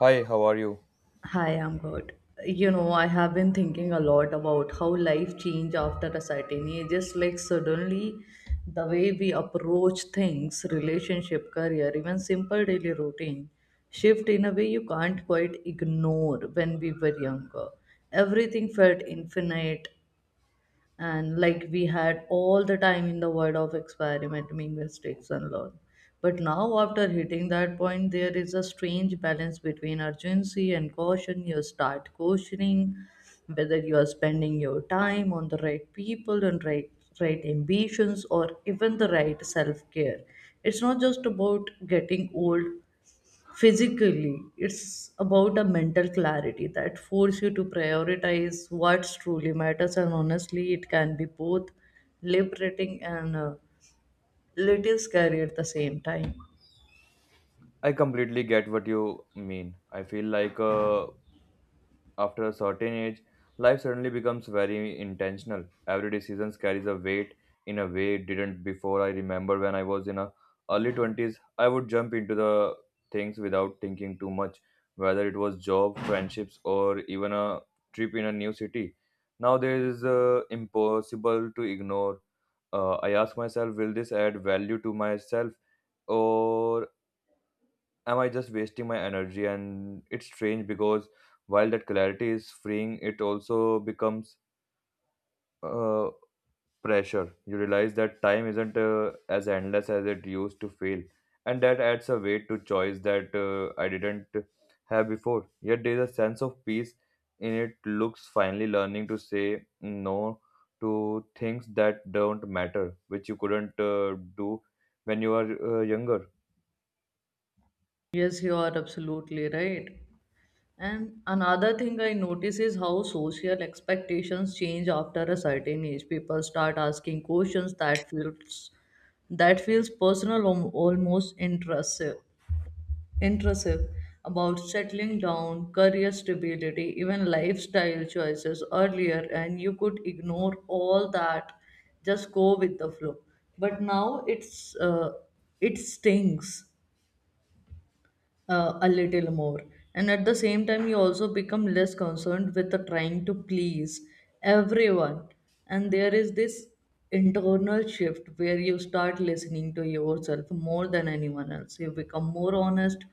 Hi, how are you? Hi, I'm good. You know, I have been thinking a lot about how life changed after a certain age. Just like suddenly, the way we approach things, relationship, career, even simple daily routine, shift in a way you can't quite ignore when we were younger. Everything felt infinite, and like we had all the time in the world of experiment make mistakes and learn, but now after hitting that point there is a strange balance between urgency and caution. You start cautioning whether you are spending your time on the right people and right right ambitions, or even the right self-care. It's not just about getting old physically. It's about a mental clarity that force you to prioritize what truly matters, and honestly it can be both liberating and a little scary at the same time. I completely get what you mean. I feel like after a certain age, life suddenly becomes very intentional. Every decision carries a weight in a way it didn't before. I remember when I was in a early 20s, I would jump into the things without thinking too much, whether it was job, friendships, or even a trip in a new city. Now there is impossible to ignore. I ask myself, will this add value to myself? Or am I just wasting my energy? And it's strange because while that clarity is freeing, it also becomes uh, pressure. You realize that time isn't as endless as it used to feel, and that adds a weight to choice that I didn't have before. Yet there is a sense of peace in it. Looks finally learning to say no to things that don't matter, which you couldn't do when you are younger. Yes, you are absolutely right. And another thing I notice is how social expectations change after a certain age. People start asking questions that feels personal, almost intrusive intrusive about settling down, career stability, even lifestyle choices. Earlier, and you could ignore all that, just go with the flow. But now it stings a little more, and at the same time, you also become less concerned with the trying to please everyone, and there is this internal shift where you start listening to yourself more than anyone else. You become more honest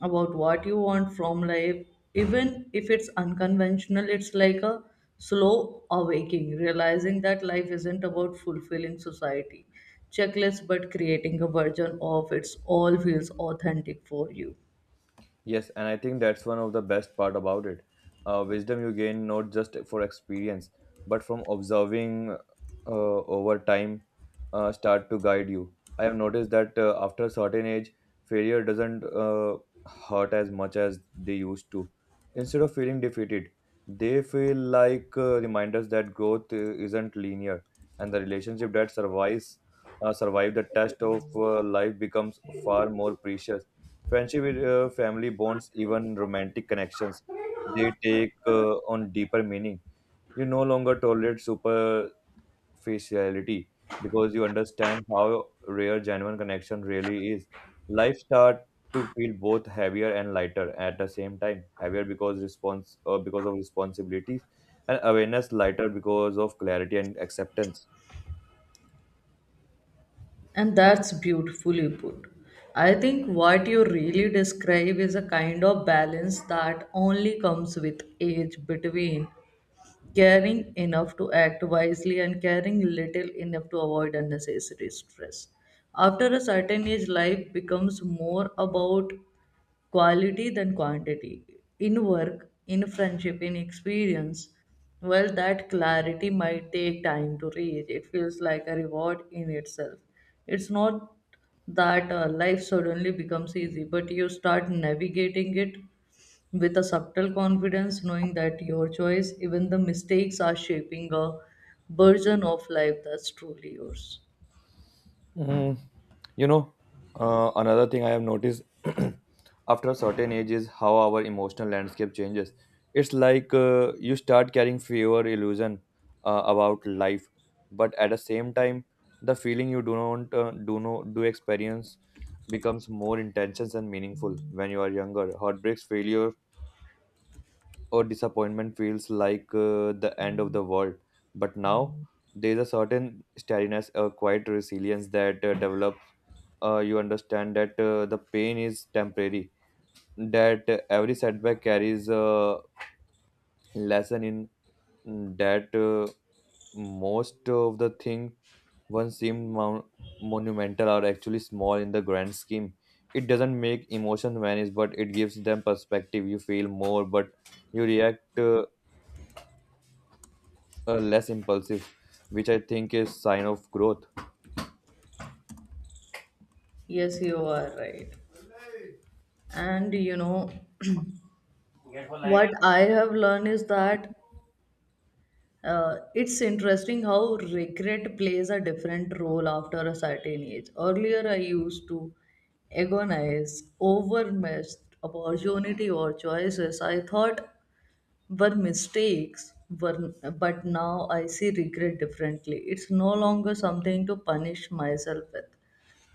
about what you want from life, even if it's unconventional. It's like a slow awakening, realizing that life isn't about fulfilling society checklists, but creating a version of it's all feels authentic for you. Yes, and I think that's one of the best part about it. Wisdom you gain not just for experience, but from observing over time start to guide you. I have noticed that after a certain age, failure doesn't hurt as much as they used to. Instead of feeling defeated, they feel like reminders that growth isn't linear, and the relationship that survive the test of life becomes far more precious. Friendship with family bonds, even romantic connections, they take on deeper meaning. You no longer tolerate superficiality because you understand how rare genuine connection really is. Life start to feel both heavier and lighter at the same time. Heavier because response because of responsibilities, and awareness lighter because of clarity and acceptance. And that's beautifully put. I think what you really describe is a kind of balance that only comes with age, between caring enough to act wisely and caring little enough to avoid unnecessary stress. After a certain age, life becomes more about quality than quantity. In work, in friendship, in experience, well, that clarity might take time to reach. It feels like a reward in itself. It's not that life suddenly becomes easy, but you start navigating it with a subtle confidence, knowing that your choice, even the mistakes, are shaping a version of life that's truly yours. Mm, you know, another thing I have noticed after a certain age is how our emotional landscape changes. It's like you start carrying fewer illusion about life, but at the same time, the feeling you do not do no do experience becomes more intense and meaningful when you are younger. Heartbreaks, failure, or disappointment feels like the end of the world, but now there is a certain steadiness, a quiet resilience that develops. You understand that the pain is temporary, that every setback carries a lesson in that most of the thing once seemed monumental are actually small in the grand scheme. It doesn't make emotion vanish, but it gives them perspective. You feel more, but you react less impulsive, which I think is sign of growth. Yes, you are right. And you know, what I have learned is that it's interesting how regret plays a different role after a certain age. Earlier, I used to agonize over missed opportunity or choices I thought were mistakes were but now I see regret differently. It's no longer something to punish myself with,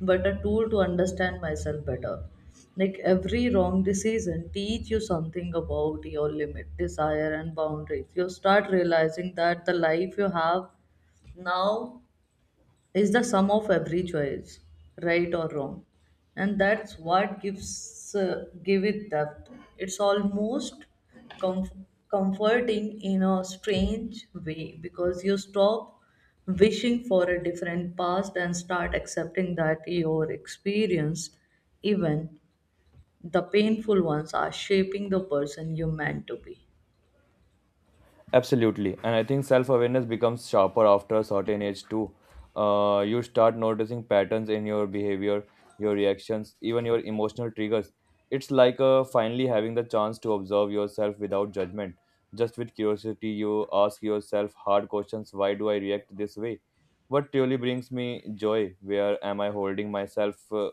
but a tool to understand myself better. Like every wrong decision teach you something about your limit desire and boundaries. You start realizing that the life you have now is the sum of every choice, right or wrong, and that's what gives give it depth. It's almost comforting in a strange way, because you stop wishing for a different past and start accepting that your experience, even the painful ones, are shaping the person you meant to be. Absolutely. And I think self awareness becomes sharper after a certain age, too. You start noticing patterns in your behavior, your reactions, even your emotional triggers. It's like finally having the chance to observe yourself without judgment. Just with curiosity, you ask yourself hard questions. Why do I react this way? What truly brings me joy? Where am I holding myself?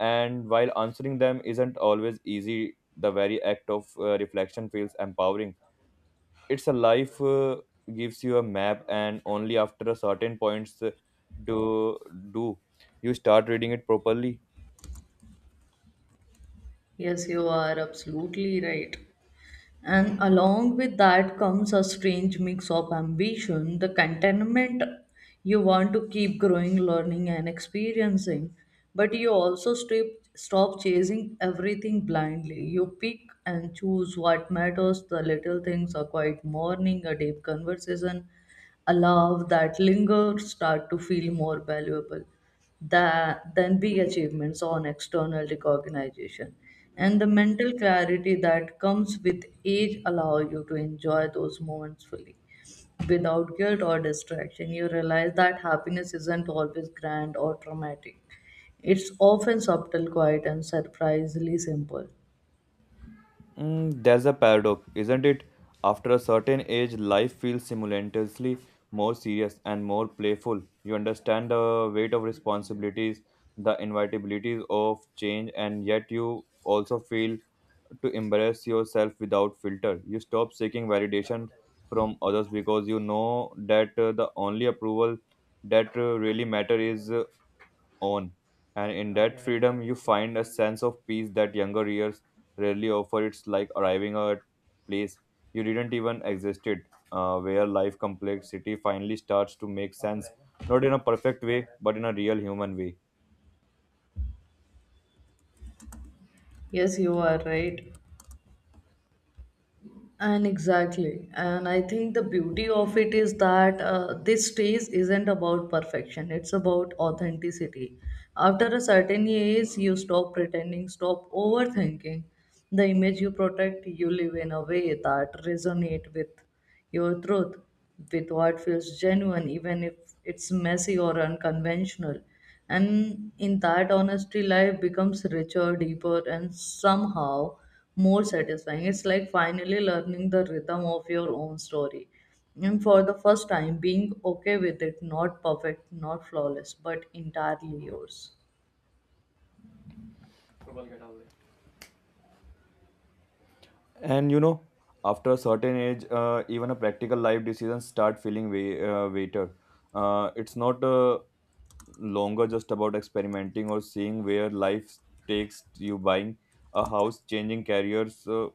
And while answering them isn't always easy, the very act of reflection feels empowering. It's a life gives you a map, and only after a certain points do do you start reading it properly. Yes, you are absolutely right. And along with that comes a strange mix of ambition, the contentment. You want to keep growing, learning, and experiencing. But you also stop chasing everything blindly. You pick and choose what matters. The little things, a quiet morning, a deep conversation, allow that linger, start to feel more valuable than, big achievements on external recognition. And the mental clarity that comes with age allow you to enjoy those moments fully. Without guilt or distraction, you realize that happiness isn't always grand or dramatic. It's often subtle, quiet, and surprisingly simple. Mm, there's a paradox, isn't it? After a certain age, life feels simultaneously more serious and more playful. You understand the weight of responsibilities, the inevitabilities of change, and yet you also feel to embrace yourself without filter. You stop seeking validation from others because you know that the only approval that really matter is own. And in that freedom, you find a sense of peace that younger years rarely offer. It's like arriving at a place you didn't even existed, where life complexity finally starts to make sense, not in a perfect way, but in a real human way. Yes, you are right. And exactly, and I think the beauty of it is that this stage isn't about perfection, it's about authenticity. After a certain age, you stop pretending, stop overthinking the image you protect. You live in a way that resonate with your truth, with what feels genuine, even if it's messy or unconventional. And in that honesty, life becomes richer, deeper, and somehow more satisfying. It's like finally learning the rhythm of your own story. And for the first time, being okay with it, not perfect, not flawless, but entirely yours. And you know, after a certain age, even a practical life decisions start feeling way weighter. It's not longer just about experimenting or seeing where life takes you, buying a house, changing careers.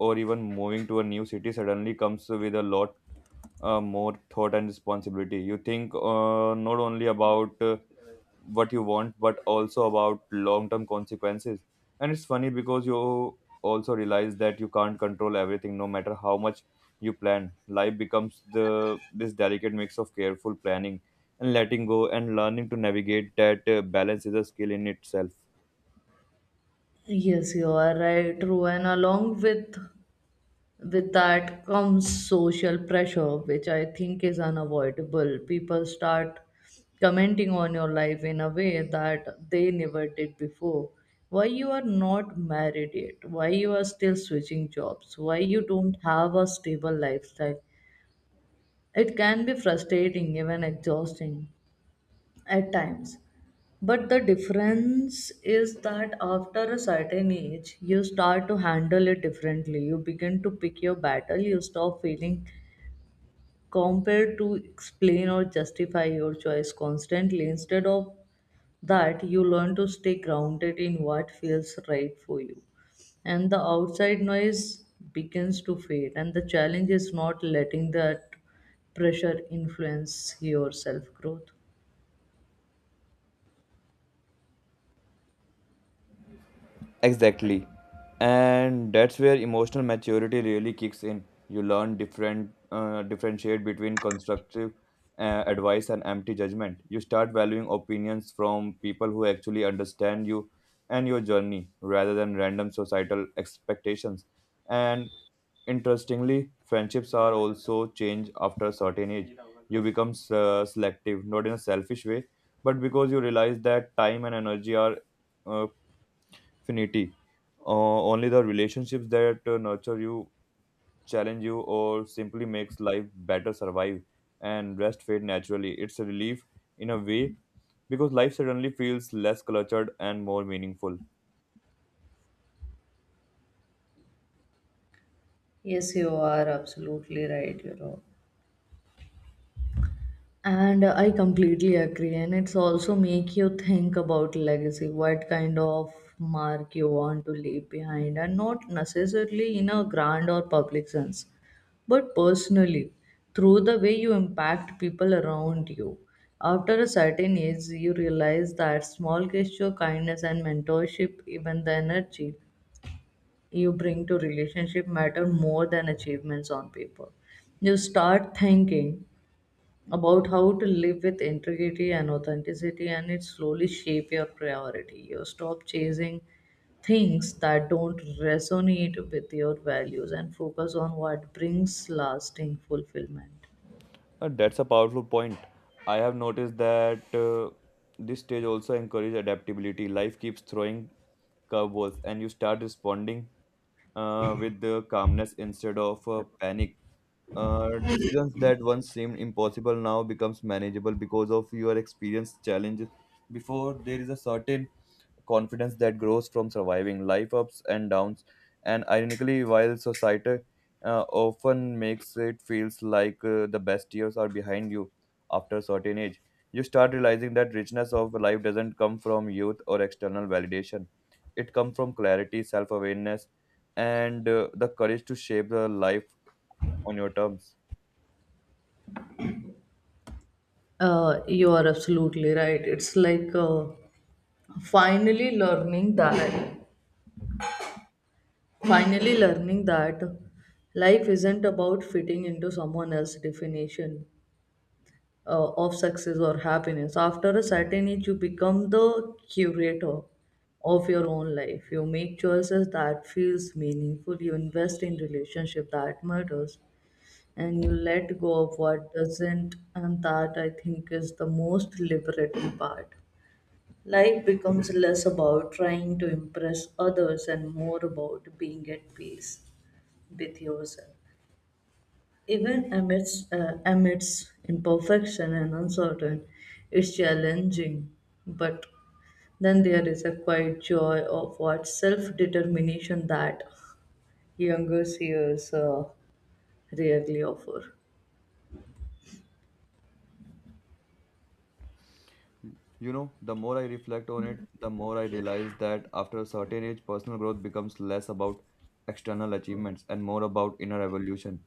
Or even moving to a new city suddenly comes with a lot more thought and responsibility. You think not only about what you want, but also about long term consequences. And it's funny because you also realize that you can't control everything, no matter how much you plan. Life becomes the this delicate mix of careful planning and letting go, and learning to navigate that balance is a skill in itself. Yes, you are right, true. And along with that comes social pressure, which I think is unavoidable. People start commenting on your life in a way that they never did before. Why you are not married yet? Why you are still switching jobs? Why you don't have a stable lifestyle? It can be frustrating, even exhausting at times. But the difference is that after a certain age, you start to handle it differently. You begin to pick your battle. You stop feeling compared to explain or justify your choice constantly. Instead of that, you learn to stay grounded in what feels right for you. And the outside noise begins to fade. And the challenge is not letting that pressure influence your self growth. Exactly. And that's where emotional maturity really kicks in. You learn differentiate between constructive advice and empty judgment. You start valuing opinions from people who actually understand you and your journey rather than random societal expectations. And interestingly, friendships are also change after a certain age. You become selective, not in a selfish way, but because you realize that time and energy are uh, finity. Only the relationships that nurture you, challenge you, or simply makes life better survive, and rest fade naturally. It's a relief in a way because life suddenly feels less cluttered and more meaningful. Yes, you are absolutely right, you know. And I completely agree, and it's also make you think about legacy, what kind of mark you want to leave behind, and not necessarily in a grand or public sense, but personally, through the way you impact people around you. After a certain age, you realize that small gesture, kindness and mentorship, even the energy you bring to relationship, matter more than achievements on paper. You start thinking about how to live with integrity and authenticity, and it slowly shape your priority. You stop chasing things that don't resonate with your values, and focus on what brings lasting fulfillment. That's a powerful point. I have noticed that this stage also encourages adaptability. Life keeps throwing curveballs, and you start responding with the calmness instead of panic. Decisions that once seemed impossible now becomes manageable because of your experience challenges before. There is a certain confidence that grows from surviving life ups and downs, and ironically, while society often makes it feels like the best years are behind you, after a certain age you start realizing that richness of life doesn't come from youth or external validation. It comes from clarity, self-awareness, and the courage to shape the life on your terms. You are absolutely right. It's like finally learning that finally learning that life isn't about fitting into someone else's definition of success or happiness. After a certain age, you become the curator of your own life. You make choices that feels meaningful. You invest in relationship that matters, and you let go of what doesn't. And that, I think, is the most liberating part. Life becomes less about trying to impress others and more about being at peace with yourself. Even amidst imperfection and uncertain, it's challenging. But then there is a quiet joy of what self determination, that younger seers rarely offer. You know, the more I reflect on it, the more I realize that after a certain age, personal growth becomes less about external achievements and more about inner evolution.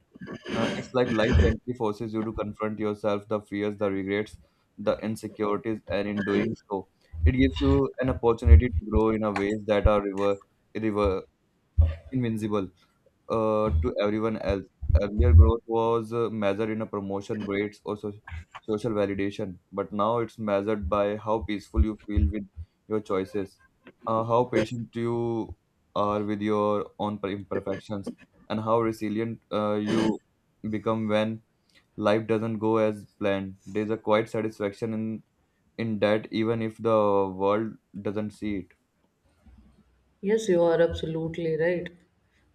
It's like life gently forces you to confront yourself, the fears, the regrets, the insecurities, and in doing so, it gives you an opportunity to grow in a ways that are river, invincible to everyone else. Earlier, growth was measured in a promotion, grades, or social validation, but now it's measured by how peaceful you feel with your choices, how patient you are with your own imperfections, and how resilient you become when life doesn't go as planned. There's a quiet satisfaction in that, even if the world doesn't see it. Yes, you are absolutely right.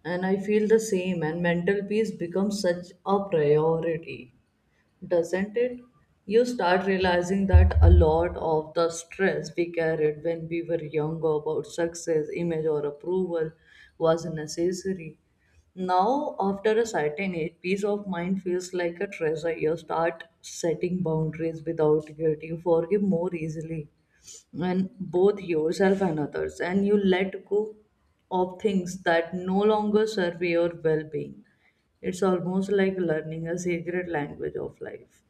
And I feel the same, and mental peace becomes such a priority. Doesn't it? You start realizing that a lot of the stress we carried when we were younger about success, image, or approval was necessary. Now, after a certain age, peace of mind feels like a treasure. You start setting boundaries without guilt. You forgive more easily, and both yourself and others, and you let go of things that no longer serve your well being. It's almost like learning a secret language of life,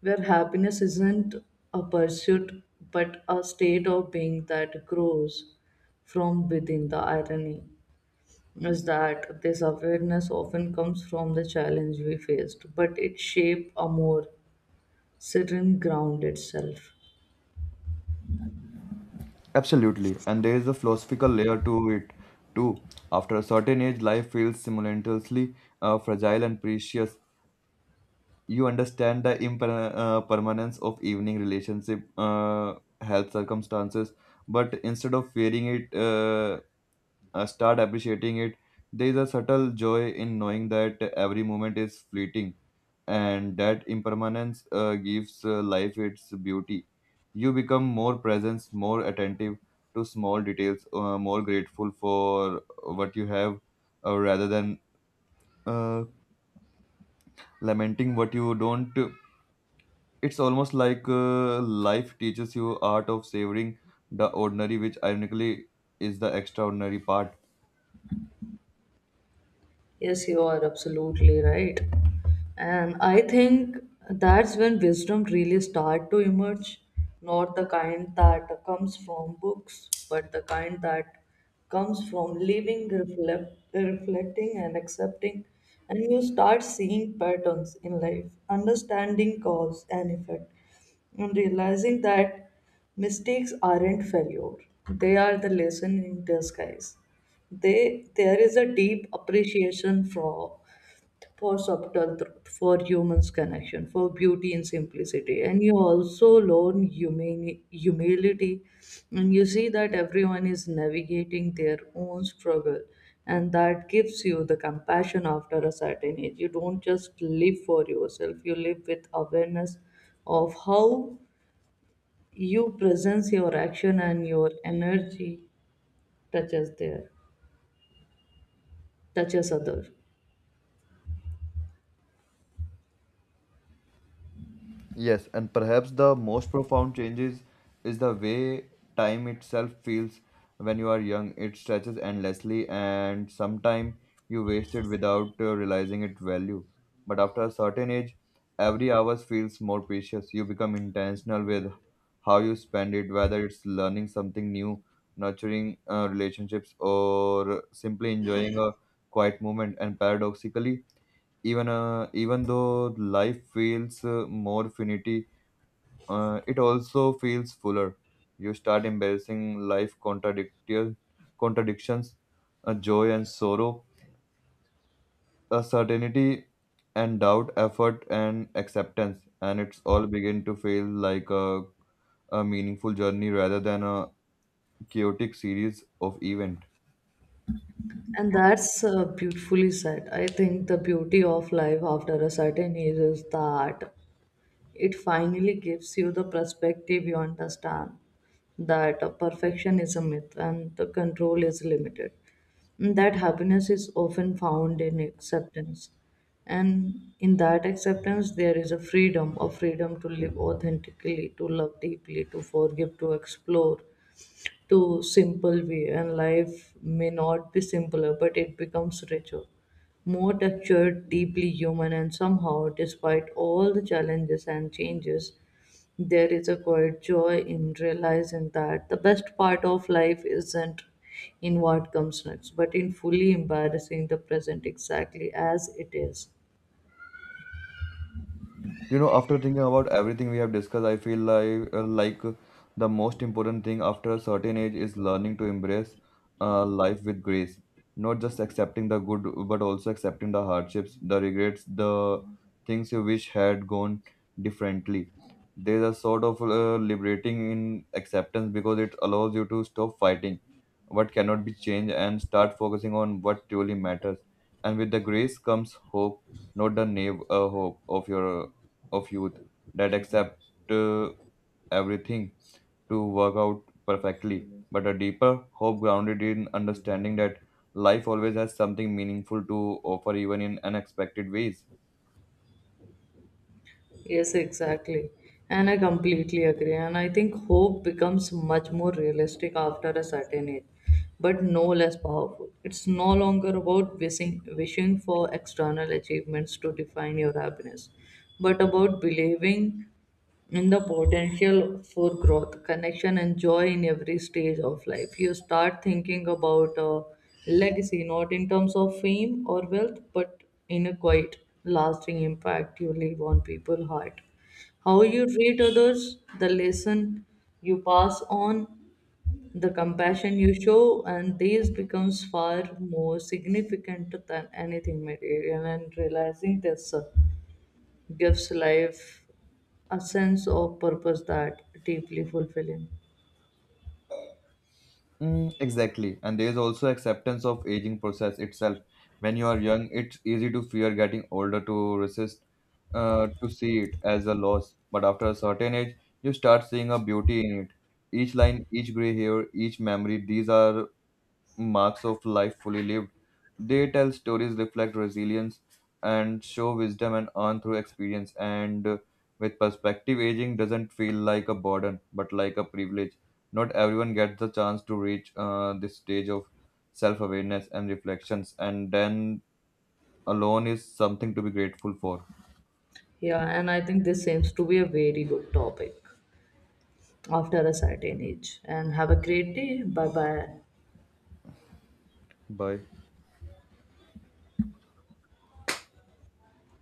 where happiness isn't a pursuit but a state of being that grows from within. The irony is that this awareness often comes from the challenge we faced, but it shaped a more serene, grounded self. Absolutely, and there is a philosophical layer to it too. After a certain age, life feels simultaneously fragile and precious. You understand the permanence of evening relationship, health circumstances, but instead of fearing it, start appreciating it. There is a subtle joy in knowing that every moment is fleeting and that impermanence gives life its beauty. You become more present, more attentive to small details, more grateful for what you have rather than uh, lamenting what you don't. It's almost like life teaches you art of savoring the ordinary, which ironically is the extraordinary part. Yes, you are absolutely right. And I think that's when wisdom really start to emerge, not the kind that comes from books, but the kind that comes from living, reflecting and accepting. And you start seeing patterns in life, understanding cause and effect, and realizing that mistakes aren't failure, they are the lesson in disguise. They There is a deep appreciation for subtle truth, for humans connection, for beauty and simplicity. And you also learn humility, and you see that everyone is navigating their own struggle, and that gives you the compassion. After a certain age, you don't just live for yourself, you live with awareness of how you presence, your action, and your energy touches there, touches other. Yes, and perhaps the most profound changes is the way time itself feels when you are young. It stretches endlessly, and sometimes you waste it without realizing its value. But after a certain age, every hour feels more precious. You become intentional with how you spend it, whether it's learning something new, nurturing relationships, or simply enjoying a quiet moment. And paradoxically, even though life feels more finity, it also feels fuller. You start embracing life contradictions, joy and sorrow, certainty and doubt, effort and acceptance, and it's all begin to feel like a meaningful journey rather than a chaotic series of events. And that's beautifully said. I think the beauty of life after a certain age is that it finally gives you the perspective. You understand that perfection is a myth and the control is limited. And that happiness is often found in acceptance. And in that acceptance, there is a freedom to live authentically, to love deeply, to forgive, to explore, to simple way. And life may not be simpler, but it becomes richer, more textured, deeply human. And somehow, despite all the challenges and changes, there is a quiet joy in realizing that the best part of life isn't in what comes next, but in fully embarrassing the present exactly as it is. You know, after thinking about everything we have discussed, I feel like the most important thing after a certain age is learning to embrace life with grace, not just accepting the good, but also accepting the hardships, the regrets, the things you wish had gone differently. There's a sort of liberating in acceptance because it allows you to stop fighting what cannot be changed and start focusing on what truly matters. And with the grace comes hope, not the naive hope of your of youth that accept uh, everything to work out perfectly, but a deeper hope grounded in understanding that life always has something meaningful to offer, even in unexpected ways. Yes, exactly. And I completely agree. And I think hope becomes much more realistic after a certain age, but no less powerful. It's no longer about wishing, for external achievements to define your happiness, but about believing in the potential for growth, connection, and joy in every stage of life. You start thinking about a legacy, not in terms of fame or wealth, but in a quite lasting impact you leave on people's heart. How you treat others, the lesson you pass on, the compassion you show, and these becomes far more significant than anything material. And realizing this gives life a sense of purpose that deeply fulfilling. Mm, exactly. And there is also acceptance of aging process itself. When you are young, it's easy to fear getting older, to resist, to see it as a loss. But after a certain age, you start seeing a beauty in it. Each line, each gray hair, each memory, these are marks of life fully lived. They tell stories, reflect resilience, and show wisdom and earn through experience. And with perspective, aging doesn't feel like a burden, but like a privilege. Not everyone gets the chance to reach this stage of self awareness and reflections, and then alone is something to be grateful for. Yeah, and I think this seems to be a very good topic after a certain age. And have a great day. Bye bye. Bye.